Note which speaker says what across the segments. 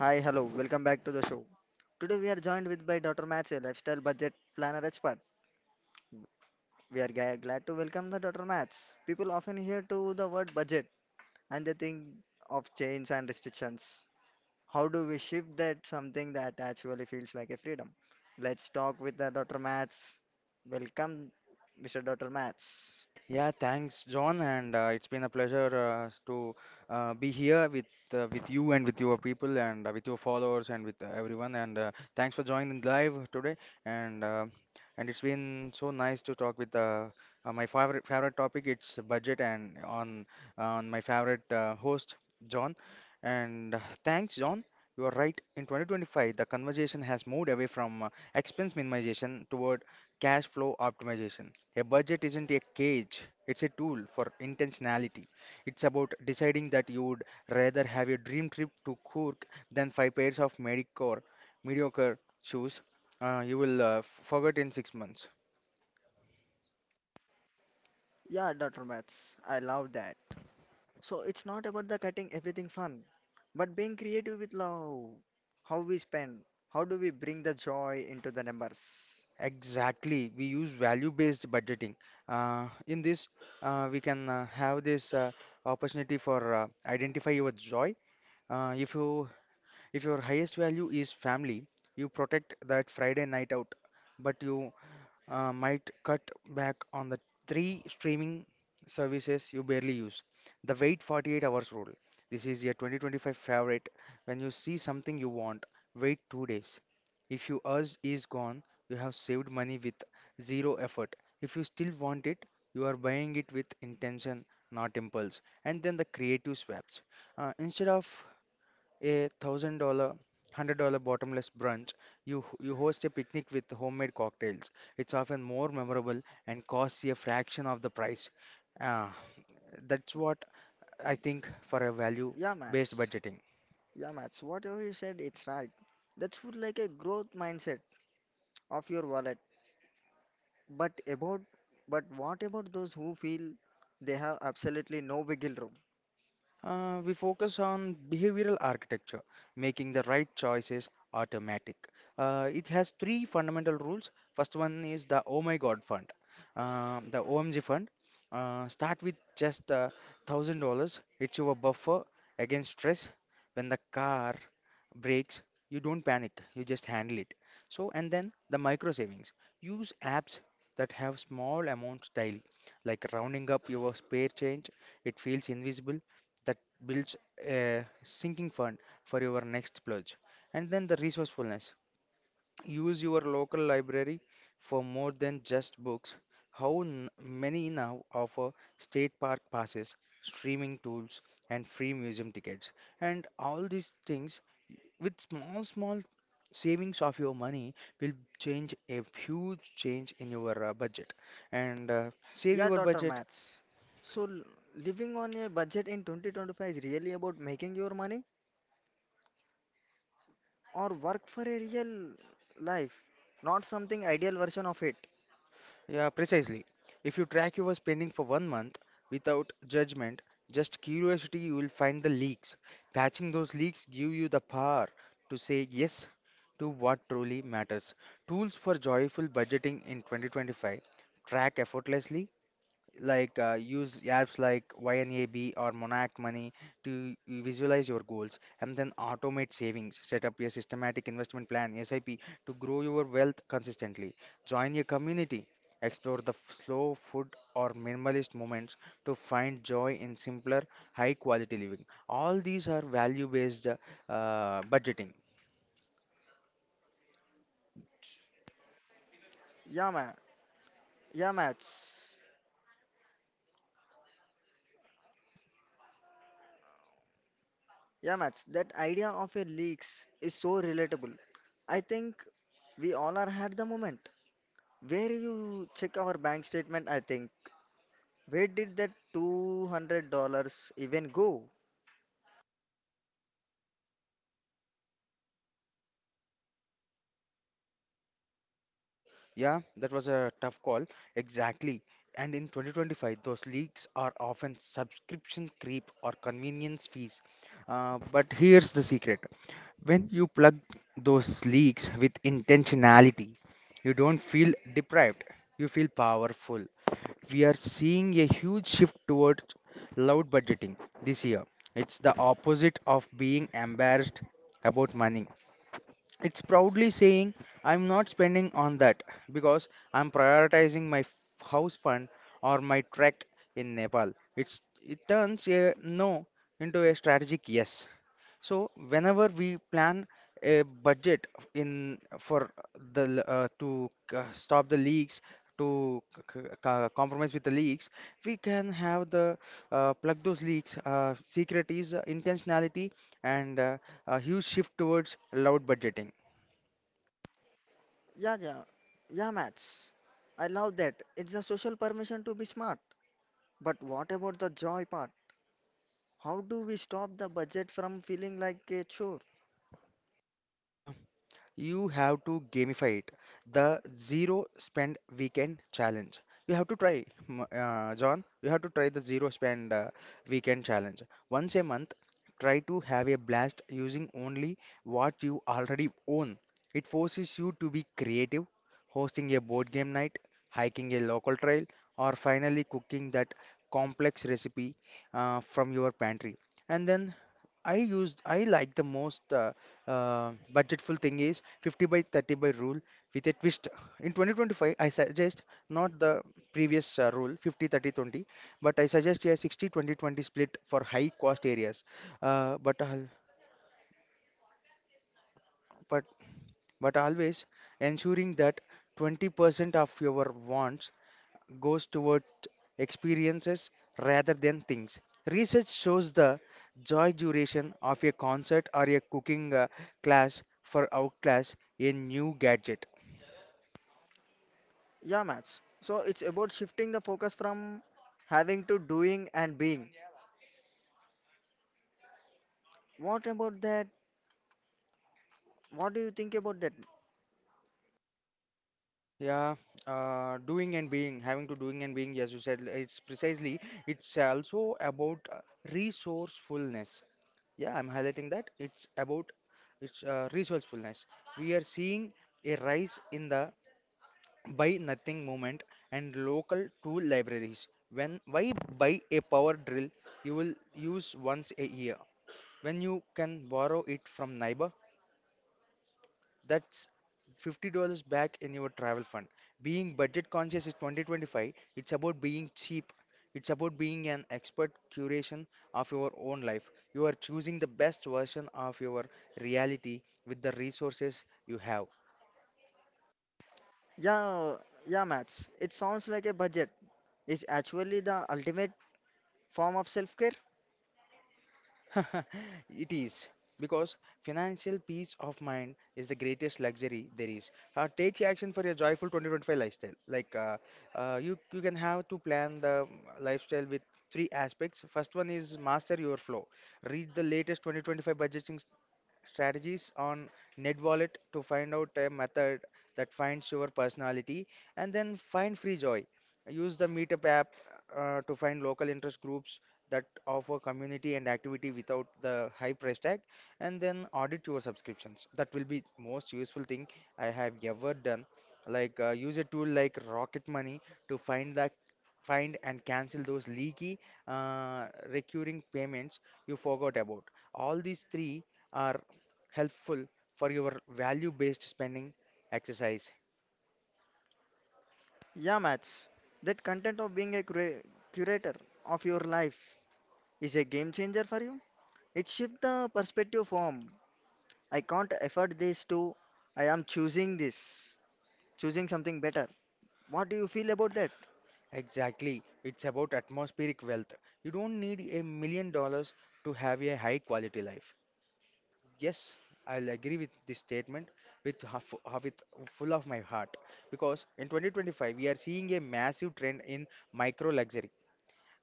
Speaker 1: Hi, hello, welcome back to the show. Today we are joined with by Dr. Match, a lifestyle budget planner expert. We are glad to welcome the Dr. Match. People often hear to the word budget and they think of chains and restrictions. How do we shift that something that actually feels like a freedom? Let's talk with the Dr. Match. Welcome, Mr. Dr. Match.
Speaker 2: Yeah, thanks, John, and it's been a pleasure to be here with you and with your people and with your followers and with everyone. And thanks for joining live today. And uh, and it's been so nice to talk with my favorite topic. It's budget and on my favorite host, John. And thanks, John. You are right. In 2025, the conversation has moved away from expense minimization toward cash flow optimization. A budget isn't a cage, it's a tool for intentionality. It's about deciding that you would rather have a dream trip to Cork than five pairs of mediocre shoes you will forget in 6 months.
Speaker 1: Yeah, Dr. Match, I love that. So it's not about the cutting everything fun, but being creative with love. How we spend, how do we bring the joy into the numbers?
Speaker 2: Exactly, we use value based budgeting. In this, we can have this opportunity for identify your joy. Uh, if you if your highest value is family, you protect that Friday night out, but you might cut back on the three streaming services you barely use. The wait 48 hours rule. This is your 2025 favorite. When you see something you want, wait 2 days. If your urge is gone, you have saved money with zero effort. If you still want it, you are buying it with intention, not impulse. And then the creative swaps. Instead of $1,000 $100 bottomless brunch, you host a picnic with homemade cocktails. It's often more memorable and costs a fraction of the price uh, that's what I think for a value
Speaker 1: Yeah,
Speaker 2: based
Speaker 1: Mats.
Speaker 2: budgeting.
Speaker 1: Yeah, Mats. Whatever you said, it's right. That's what like a growth mindset of your wallet. But about, but what about those who feel they have absolutely no wiggle room?
Speaker 2: We focus on behavioral architecture, making the right choices automatic. It has three fundamental rules. First one is the Oh My God Fund, the OMG Fund. Start with just $1,000. It's your buffer against stress. When the car breaks, you don't panic. You just handle it. So, and then the micro savings. Use apps that have small amounts daily, like rounding up your spare change. It feels invisible, that builds a sinking fund for your next plunge. And then the resourcefulness. Use your local library for more than just books. How many now offer state park passes, streaming tools, and free museum tickets? And all these things with small, small savings of your money will change a huge change in your budget and save
Speaker 1: Yeah,
Speaker 2: your
Speaker 1: Dr.
Speaker 2: budget.
Speaker 1: Mats. So living on a budget in 2025 is really about making your money or work for a real life, not something ideal version of it.
Speaker 2: Yeah, precisely. If you track your spending for 1 month without judgment, just curiosity, you will find the leaks. Patching those leaks give you the power to say yes to what truly matters. Tools for joyful budgeting in 2025. Track effortlessly, like use apps like YNAB or Monarch Money to visualize your goals, and then automate savings. Set up a systematic investment plan, SIP, to grow your wealth consistently. Join a community. Explore the slow food or minimalist moments to find joy in simpler, high quality living. All these are value based budgeting.
Speaker 1: Yeah, man. Yeah, maths. Yeah, maths. That idea of a leaks is so relatable. I think we all are had the moment where you check our bank statement. I think where did that $200 even go?
Speaker 2: Yeah, that was a tough call. Exactly. And in 2025, those leaks are often subscription creep or convenience fees. But here's the secret. When you plug those leaks with intentionality, you don't feel deprived, you feel powerful. We are seeing a huge shift towards loud budgeting this year. It's the opposite of being embarrassed about money. It's proudly saying, "I'm not spending on that because I'm prioritizing my house fund or my trek in Nepal." It turns a no into a strategic yes. So whenever we plan a budget in for the l- to c- stop the leaks, to compromise with the leaks, we can have the plug those leaks. Secret is intentionality and a huge shift towards loud budgeting.
Speaker 1: Yeah, yeah, yeah, maths. I love that. It's a social permission to be smart. But what about the joy part? How do we stop the budget from feeling like a chore?
Speaker 2: Uh, you have to gamify it. The zero spend weekend challenge. You have to try, John. You have to try the zero spend weekend challenge. Once a month, try to have a blast using only what you already own. It forces you to be creative, hosting a board game night, hiking a local trail, or finally cooking that complex recipe from your pantry. And then I like the most, budgetful thing is 50 by 30 by rule with a twist. In 2025, I suggest not the previous rule 50 30 20, but I suggest a 60 20 20 split for high cost areas. Uh, but, al- but, but always ensuring that 20% of your wants goes toward experiences rather than things. Research shows the joy duration of a concert or a cooking class for outclass a new gadget.
Speaker 1: Yeah, Max. So it's about shifting the focus from having to doing and being. What about that? What do you think about that?
Speaker 2: Yeah, doing and being, having to doing and being, as you said, it's precisely, it's also about resourcefulness. Yeah, I'm highlighting that. It's about it's resourcefulness. We are seeing a rise in the buy nothing movement and local tool libraries. When Why buy a power drill you will use once a year when you can borrow it from neighbor? That's $50 back in your travel fund. Being budget conscious is 2025. It's about being cheap. It's about being an expert curation of your own life. You are choosing the best version of your reality with the resources you have.
Speaker 1: Yeah, yeah, Max. It sounds like a budget is actually the ultimate form of self-care.
Speaker 2: It is because financial peace of mind is the greatest luxury there is. Take action for your joyful 2025 lifestyle. Like you can have to plan the lifestyle with three aspects. First one is master your flow. Read the latest 2025 budgeting strategies on NerdWallet to find out a method that finds your personality, and then find free joy. Use the Meetup app to find local interest groups that offer community and activity without the high price tag, and then audit your subscriptions. That will be most useful thing I have ever done. Like use a tool like Rocket Money to find and cancel those leaky recurring payments you forgot about. All these three are helpful for your value based spending exercise.
Speaker 1: Yeah, Max. That content of being a curator of your life is a game changer for you. It shifts the perspective from I can't afford this to I am choosing this, choosing something better. What do you feel about that?
Speaker 2: Exactly, it's about atmospheric wealth. You don't need $1 million to have a high quality life. Yes, I'll agree with this statement with full of my heart, because in 2025 we are seeing a massive trend in micro luxury.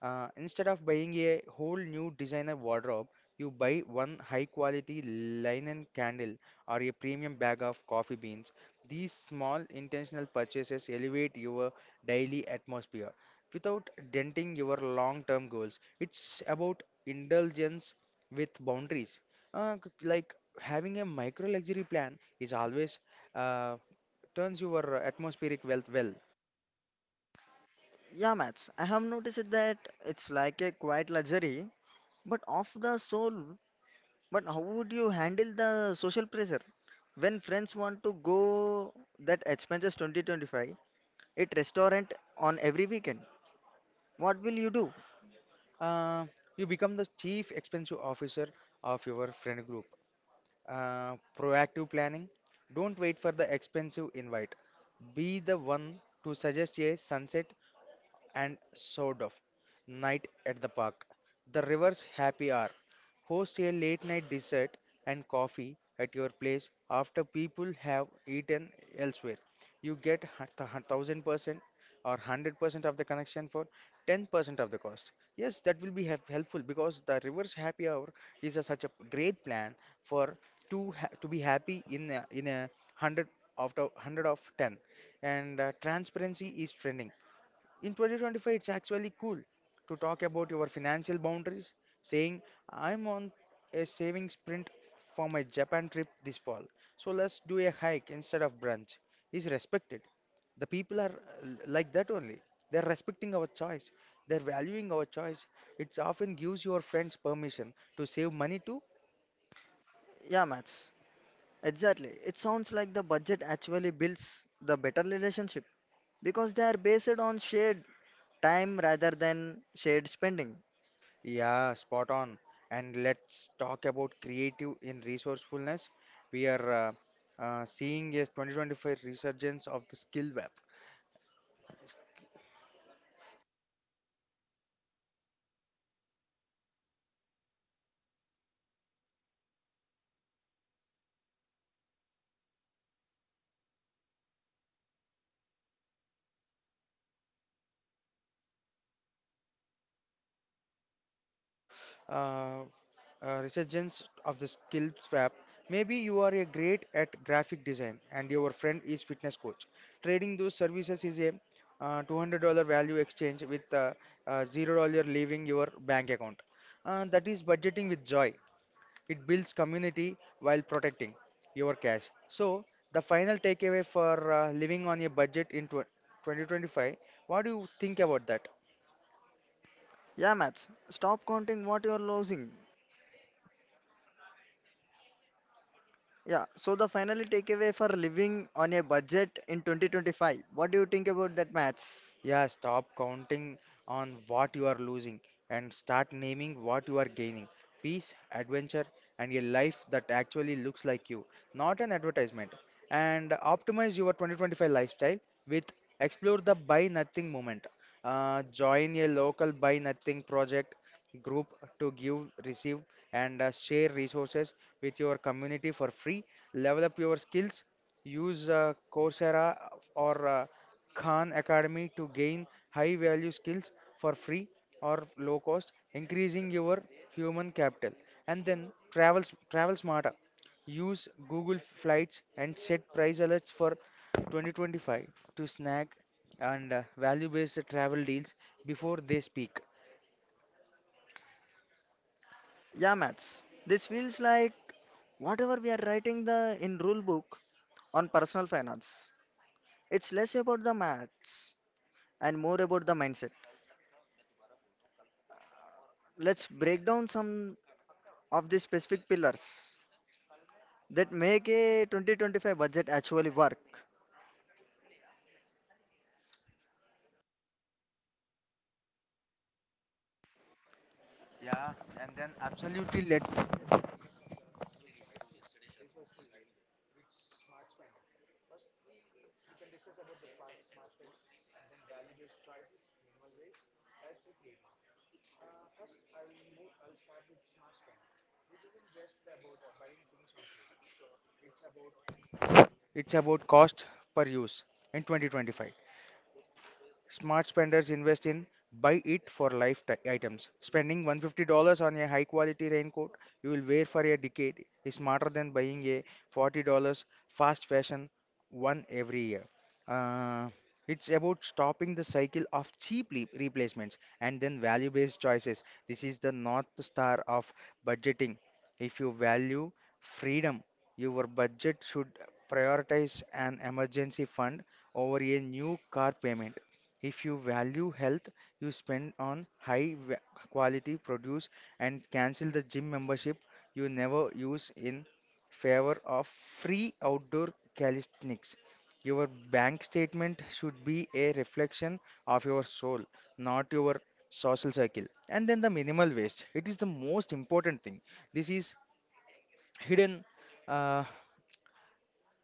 Speaker 2: Instead of buying a whole new designer wardrobe, you buy one high quality linen candle or a premium bag of coffee beans. These small intentional purchases elevate your daily atmosphere without denting your long term goals. It's about indulgence with boundaries. Like having a micro luxury plan is always uh, turns your atmospheric wealth well.
Speaker 1: Yeah, Max, I have noticed that it's like a quiet luxury, but of the soul. But how would you handle the social pressure when friends want to go that expenses 2025 it restaurant on every weekend? What will you do?
Speaker 2: Uh, you become the chief expensive officer of your friend group. Proactive planning. Don't wait for the expensive invite. Be the one to suggest a sunset and sort of Night at the Park, the River's Happy Hour. Host a late night dessert and coffee at your place after people have eaten elsewhere. You get 1,000% or 100% of the connection for 10% of the cost. Yes, that will be helpful because the River's Happy Hour is such a great plan for to be happy in a hundred of the hundred of ten. And transparency is trending in 2025. It's actually cool to talk about your financial boundaries, saying, I'm on a saving sprint for my Japan trip this fall, so let's do a hike instead of brunch," is respected. The people are like that only, they're respecting our choice, they're valuing our choice. It often gives your friends permission to save money too.
Speaker 1: Yeah, Max, exactly. It sounds like the budget actually builds the better relationship because they are based on shared time rather than shared spending.
Speaker 2: Yeah, spot on. And let's talk about creative in resourcefulness. We are seeing a 2025 resurgence of the skill web. Uh, Resurgence of the skill swap. Maybe you are a great at graphic design and your friend is fitness coach. Trading those services is a $200 value exchange with $0 leaving your bank account. That is budgeting with joy. It builds community while protecting your cash. So, the final takeaway for living on a budget in tw 2025, what do you think about that?
Speaker 1: Yeah, Max, stop counting what you are losing. Yeah, so the final takeaway for living on a budget in 2025. What do you think about that, maths?
Speaker 2: Yeah, stop counting on what you are losing and start naming what you are gaining. Peace, adventure, and a life that actually looks like you, not an advertisement. And optimize your 2025 lifestyle with: explore the Buy Nothing movement. Join a local Buy Nothing project group to give, receive, and share resources with your community for free. Level up your skills. Use Coursera or Khan Academy to gain high value skills for free or low cost, increasing your human capital. And then travel smarter. Use Google Flights and set price alerts for 2025 to snag and value based travel deals before they speak.
Speaker 1: Yeah, maths. This feels like whatever we are writing the in rule book on personal finance. It's less about the maths and more about the mindset. Let's break down some of the specific pillars that make a 2025 budget actually work.
Speaker 2: Yeah, and then absolutely, let it's about cost per use in 2025. Smart spenders invest in buy it for life ti- items. Spending $150 on a high quality raincoat you will wear for a decade is smarter than buying a $40 fast fashion one every year. Uh, it's about stopping the cycle of cheap replacements and then value based choices. This is the north star of budgeting. If you value freedom, your budget should prioritize an emergency fund over a new car payment. If you value health, you spend on high quality produce and cancel the gym membership you never use in favor of free outdoor calisthenics. Your bank statement should be a reflection of your soul, not your social circle. And then the minimal waste. It is the most important thing. This is hidden. Uh,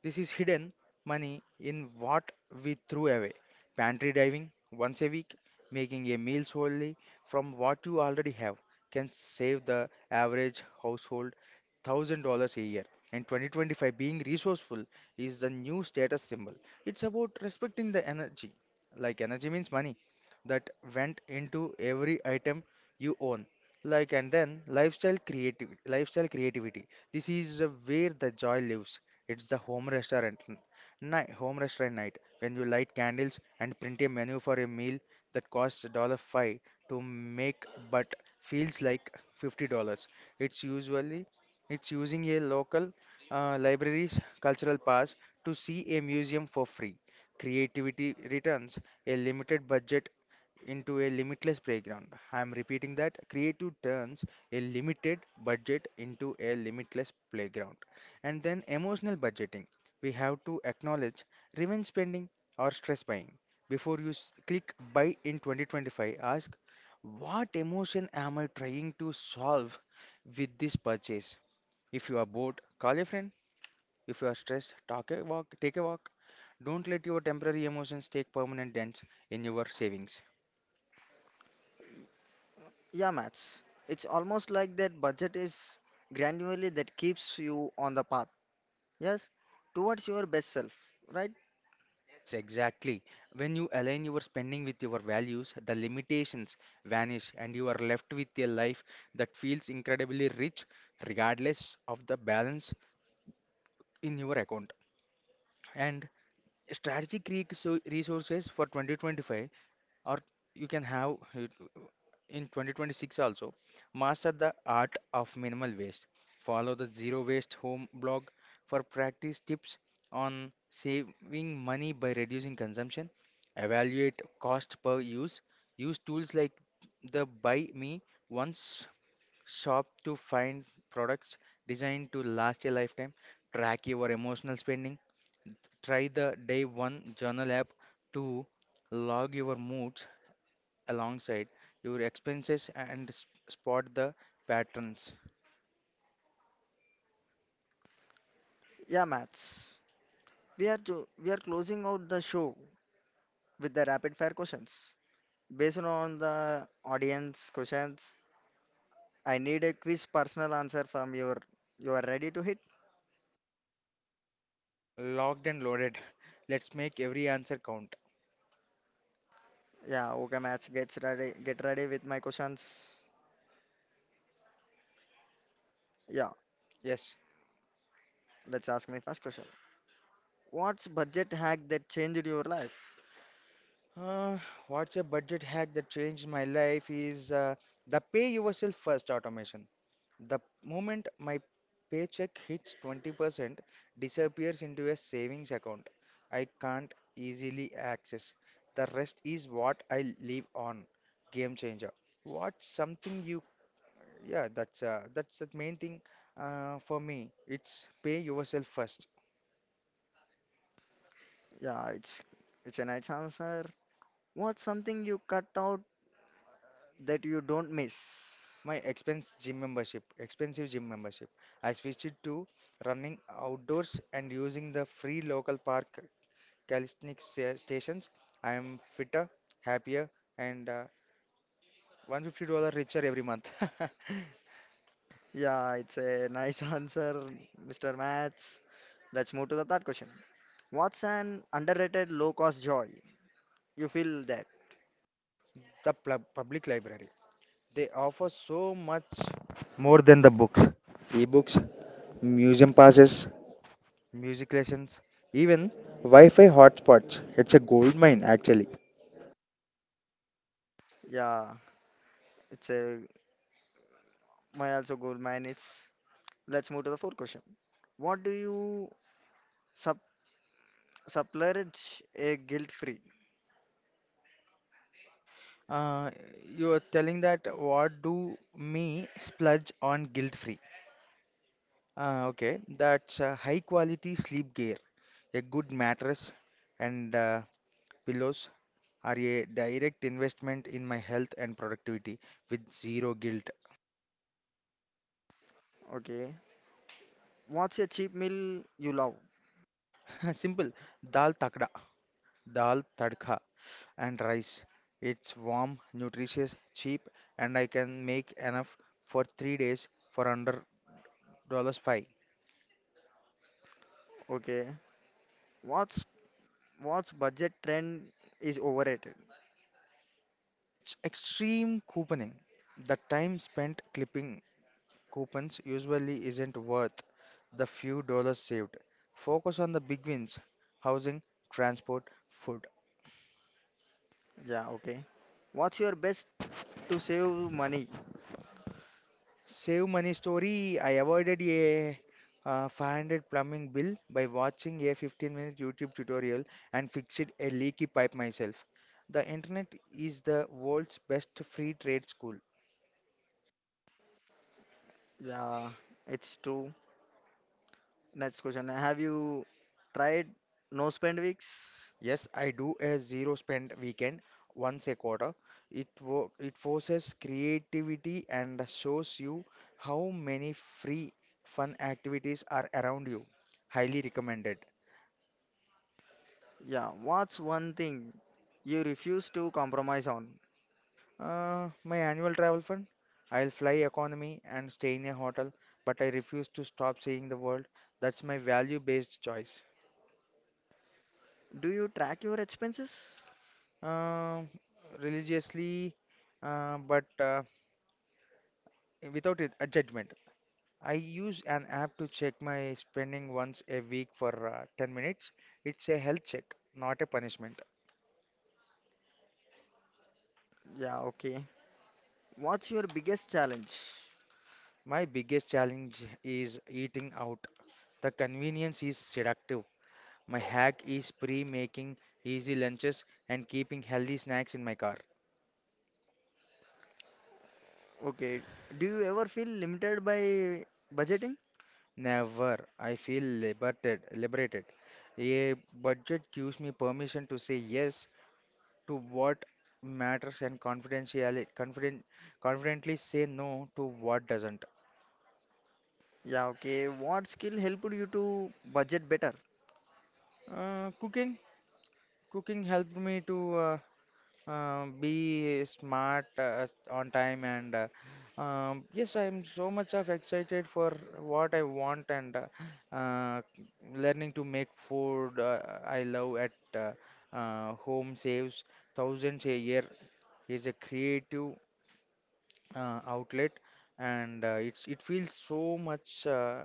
Speaker 2: this is hidden money in what we threw away. Pantry diving once a week, making a meal solely from what you already have, can save the average household $1,000 a year. In 2025, being resourceful is the new status symbol. It's about respecting the energy. Like, energy means money that went into every item you own. Like, and then lifestyle creativity, lifestyle creativity. This is where the joy lives. It's the home restaurant night when you light candles and print a menu for a meal that costs 5 to make but feels like $50. It's usually it's using a local library's cultural pass to see a museum for free. Creativity returns a limited budget into a limitless playground. I'm repeating that: creative turns a limited budget into a limitless playground. And then emotional budgeting. We have to acknowledge revenge spending or stress buying. Before you click buy in 2025, ask, what emotion am I trying to solve with this purchase? If you are bored, call a friend. If you are stressed, take a walk. Don't let your temporary emotions take permanent dents in your savings.
Speaker 1: Yeah, maths. It's almost like that budget is granularly that keeps you on the path. Yes, towards your best self, right?
Speaker 2: Yes, exactly. When you align your spending with your values, the limitations vanish and you are left with a life that feels incredibly rich regardless of the balance in your account. And strategic resources for 2025, or you can have it in 2026 also. Master the art of minimal waste. Follow the zero waste home blog for practice tips on saving money by reducing consumption. Evaluate cost per use. Use tools like the buy me once shop to find products designed to last a lifetime. Track your emotional spending. Try the day one journal app to log your moods alongside your expenses and spot the patterns.
Speaker 1: Yeah, maths. We are closing out the show with the rapid fire questions. Based on the audience questions, I need a quiz personal answer from your. You are ready to hit?
Speaker 2: Locked and loaded. Let's make every answer count.
Speaker 1: Yeah, okay, maths. Gets ready. Get ready with my questions. Yeah,
Speaker 2: Yes.
Speaker 1: let's ask my first question. What's budget hack that changed your life?
Speaker 2: Uh, what's a budget hack that changed my life is the pay yourself first automation. The moment my paycheck hits, 20% disappears into a savings account I can't easily access. The rest is what I live on. Game changer. What's something you? Yeah, that's the main thing for me. It's pay yourself first.
Speaker 1: Yeah, it's a nice answer. What's something you cut out that you don't miss?
Speaker 2: My expense gym membership, expensive gym membership. I switched it to running outdoors and using the free local park calisthenics stations. I am fitter, happier, and $150 richer every month.
Speaker 1: Yeah, it's a nice answer, Mr. Maths. Let's move to the third question. What's an underrated low cost joy? You feel that?
Speaker 2: The public library. They offer so much more than the books: ebooks, museum passes, music lessons, even Wi-Fi hotspots. It's a gold mine actually.
Speaker 1: Yeah, it's a my also goal mine. It's let's move to the fourth question. What do you sub splurge a guilt free?
Speaker 2: Uh, you are telling that, what do me splurge on guilt-free? Okay, that's a high-quality sleep gear, a good mattress, and pillows are a direct investment in my health and productivity with zero guilt.
Speaker 1: Okay. What's a cheap meal you love?
Speaker 2: Simple, dal takda. Dal tadka, and rice. It's warm, nutritious, cheap, and I can make enough for 3 days for under dollars $5.
Speaker 1: Okay. What's what's budget trend is overrated?
Speaker 2: It's extreme couponing. The time spent clipping coupons usually isn't worth the few dollars saved. Focus on the big wins: housing, transport, food.
Speaker 1: Yeah, okay. What's your best to save money?
Speaker 2: Save money story. I avoided a 500 plumbing bill by watching a 15-minute YouTube tutorial and fixed a leaky pipe myself. The internet is the world's best free trade school.
Speaker 1: Yeah, it's true. Next question. Have you tried no spend weeks?
Speaker 2: Yes, I do a zero spend weekend once a quarter. It forces creativity and shows you how many free fun activities are around you. Highly recommended.
Speaker 1: Yeah. What's one thing you refuse to compromise on?
Speaker 2: My annual travel fund. I'll fly economy and stay in a hotel, but I refuse to stop seeing the world. That's my value-based choice.
Speaker 1: Do you track your expenses?
Speaker 2: Um, religiously, but without it, a judgment. I use an app to check my spending once a week for 10 minutes. It's a health check, not a punishment.
Speaker 1: Yeah, okay. What's your biggest challenge?
Speaker 2: My biggest challenge is eating out. The convenience is seductive. My hack is pre making easy lunches and keeping healthy snacks in my car.
Speaker 1: Okay. Do you ever feel limited by budgeting?
Speaker 2: Never. I feel liberated. A budget gives me permission to say yes to what matters and confidentially confident confidently say no to what doesn't.
Speaker 1: Yeah, okay. What skill helped you to budget better?
Speaker 2: Uh, cooking cooking helped me to uh, be smart on time and yes, I'm so much of excited for what I want and uh, learning to make food I love at uh, home saves thousands a year, is a creative outlet and it feels so much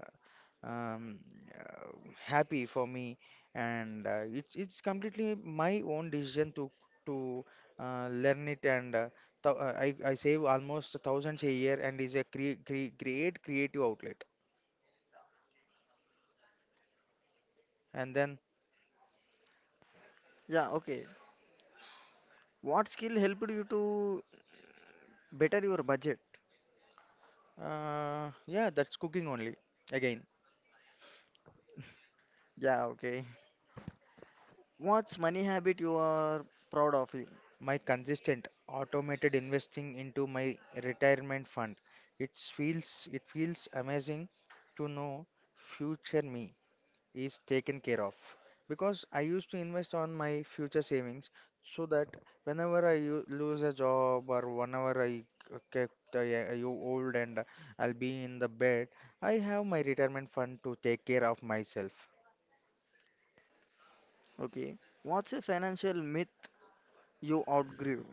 Speaker 2: um, uh, happy for me and it's completely my own decision to learn it and th I save almost thousands a year and is a cre cre great creative outlet and then
Speaker 1: Yeah, okay. What skill helped you to better your budget?
Speaker 2: yeah, that's cooking only again.
Speaker 1: Yeah, okay. What's money habit you are proud of you?
Speaker 2: My consistent automated investing into my retirement fund. It feels amazing to know future me is taken care of because I used to invest on my future savings so that whenever I lose a job or whenever I get yeah, you old and I'll be in the bed, I have my retirement fund to take care of myself.
Speaker 1: Okay. What's a financial myth you outgrew?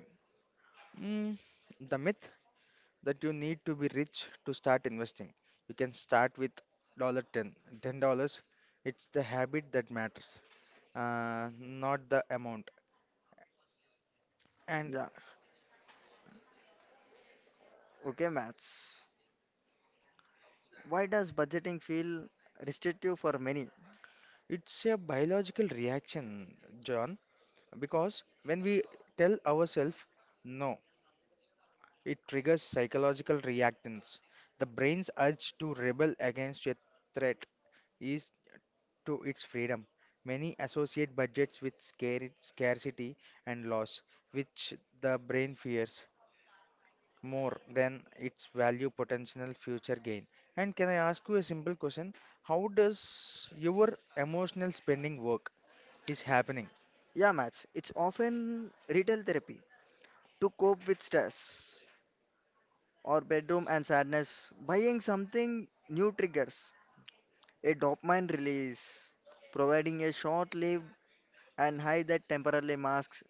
Speaker 2: Mm, the myth that you need to be rich to start investing. You can start with dollar ten, $10. It's the habit that matters, not the amount. And
Speaker 1: Yeah. Okay, maths. Why does budgeting feel restrictive for many?
Speaker 2: it's a biological reaction, John, because when we tell ourselves no, it triggers psychological reactance. The brain's urge to rebel against a threat is to its freedom. Many associate budgets with scarcity and loss, which the brain fears more than its value potential future gain. And can I ask you a simple question? How does your emotional spending work is happening?
Speaker 1: Yeah, maths. It's often retail therapy to cope with stress or bedroom and sadness. Buying something new triggers a dopamine release, providing a short lived and high that temporarily masks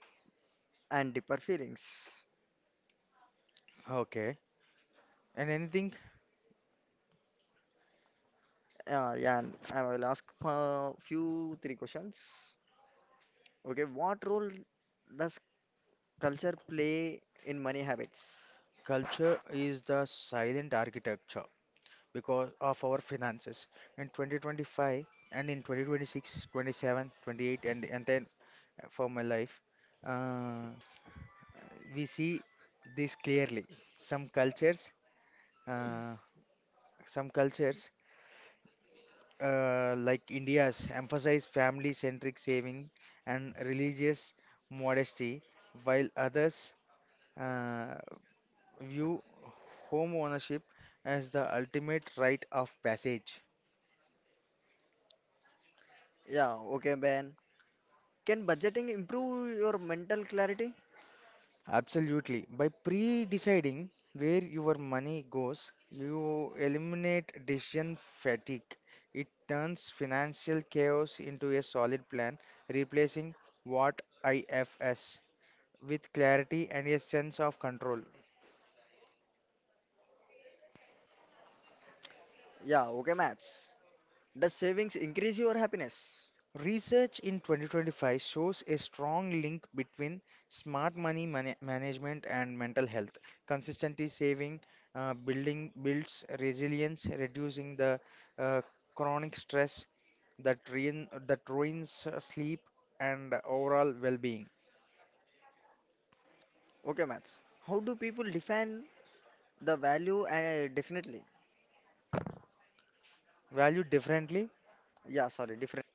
Speaker 1: and deeper feelings.
Speaker 2: Okay. And anything,
Speaker 1: Yeah, and I will ask a few three questions. Okay, what role does culture play in money habits?
Speaker 2: culture is the silent architecture because of our finances. In 2025 and in 2026, 27, 28 and, then for my life, uh, we see this clearly. Some cultures, uh, some cultures like India's, emphasize family-centric saving and religious modesty, while others uh, view home ownership as the ultimate rite of passage.
Speaker 1: Yeah, okay, Ben. Can budgeting improve your mental clarity?
Speaker 2: Absolutely. By pre-deciding where your money goes, you eliminate decision fatigue. It turns financial chaos into a solid plan, replacing what IFS with clarity and a sense of control.
Speaker 1: Yeah, okay, maths. Does savings increase your happiness?
Speaker 2: Research in 2025 shows a strong link between smart money management and mental health. Consistently saving, building builds resilience, reducing the uh, chronic stress that ruins sleep and overall well-being.
Speaker 1: Okay, maths. How do people define the value and definitely?
Speaker 2: Value differently.
Speaker 1: Yeah, sorry, different.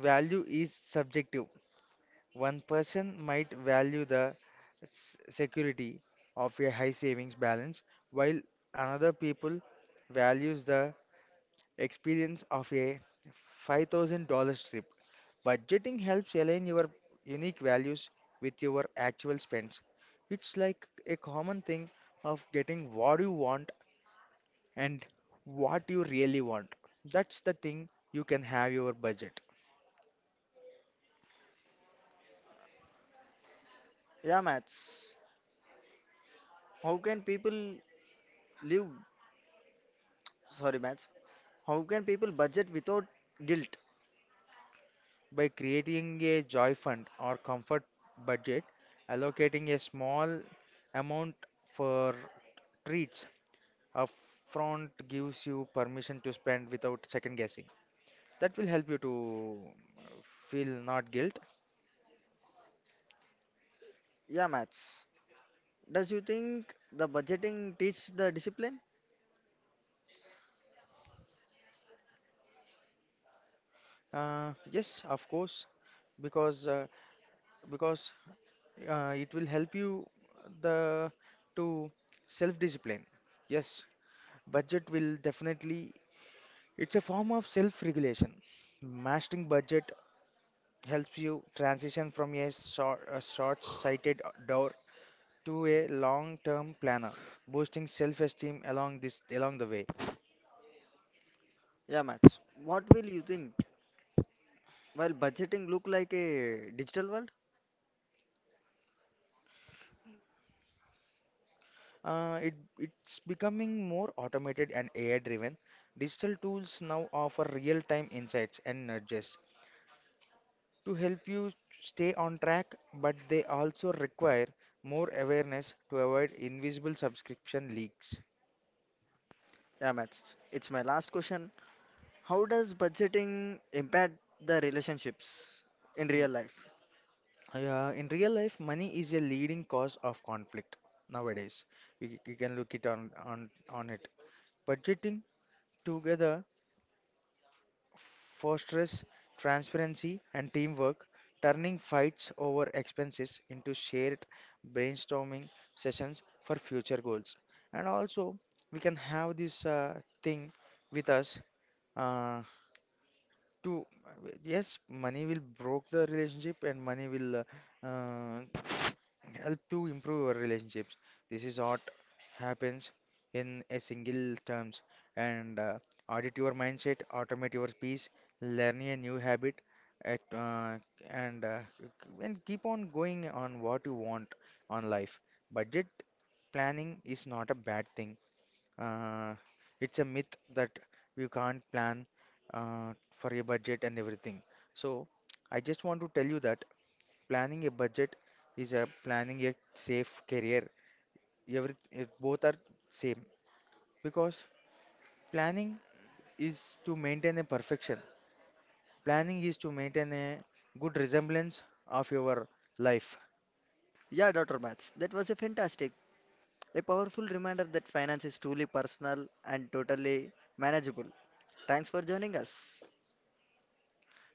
Speaker 2: Value is subjective. One person might value the security of a high savings balance, while another people values the experience of a $5,000 trip. Budgeting helps align your unique values with your actual spends. It's like a common thing of getting what you want and what you really want. That's the thing you can have your budget.
Speaker 1: Yeah, maths. How can people live? Sorry, maths. How can people budget without guilt?
Speaker 2: By creating a joy fund or comfort budget, allocating a small amount for treats upfront gives you permission to spend without second guessing. That will help you to uh, feel not guilt.
Speaker 1: Yeah, maths. Does you think the budgeting teach the discipline?
Speaker 2: Yes, of course, because uh, because it will help you the to self discipline. Yes, budget will definitely, it's a form of self regulation. Mastering budget helps you transition from a short sighted door to a long term planner, boosting self esteem along the way.
Speaker 1: Yeah, maths. What will you think? While budgeting look like a digital world?
Speaker 2: Uh, it, it's becoming more automated and AI driven. Digital tools now offer real time insights and nudges to help you stay on track, but they also require more awareness to avoid invisible subscription leaks.
Speaker 1: Yeah, Max. It's my last question. How does budgeting impact the relationships in
Speaker 2: Mm.
Speaker 1: real life?
Speaker 2: In real life, money is a leading cause of conflict nowadays. We can look it on it. Budgeting together fosters transparency and teamwork, turning fights over expenses into shared brainstorming sessions for future goals. And also, we can have this thing with us. Uh, to Yes, money will broke the relationship and money will uh, help to improve our relationships. This is what happens in a single terms. And Audit your mindset, automate your peace, learn a new habit at, and uh, and keep on going on what you want on life. Budget planning is not a bad thing. uh, it's a myth that you can't plan for a budget and everything. So I just want to tell you that planning a budget is a planning a safe career. Every it, both are same, because planning is to maintain a perfection. Planning is to maintain a good resemblance of your life.
Speaker 1: Yeah, Dr. Max, that was a fantastic, a powerful reminder that finance is truly personal and totally manageable. Thanks for joining us.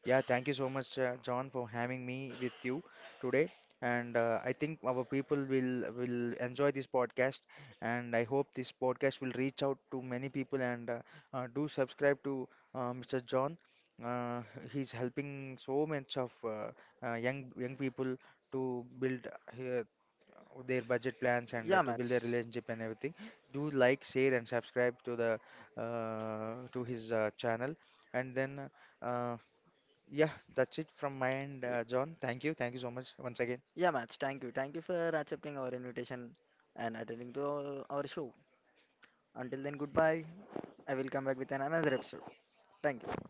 Speaker 2: Yeah, thank you so much, John, for having me with you today. And I think our people will enjoy this podcast. And I hope this podcast will reach out to many people. And do subscribe to Mr. John. Uh, he's helping so much of young people to build their budget plans and
Speaker 1: Yeah,
Speaker 2: to build their
Speaker 1: Max.
Speaker 2: relationship and everything. Do like, share, and subscribe to the to his channel. And then. Uh, yeah, that's it from my end,
Speaker 1: Y-
Speaker 2: John. Thank you. Thank you so much once again.
Speaker 1: Yeah, Max. Thank you. Thank you for accepting our invitation and attending to our show. Until then, goodbye. I will come back with an another episode. Thank you.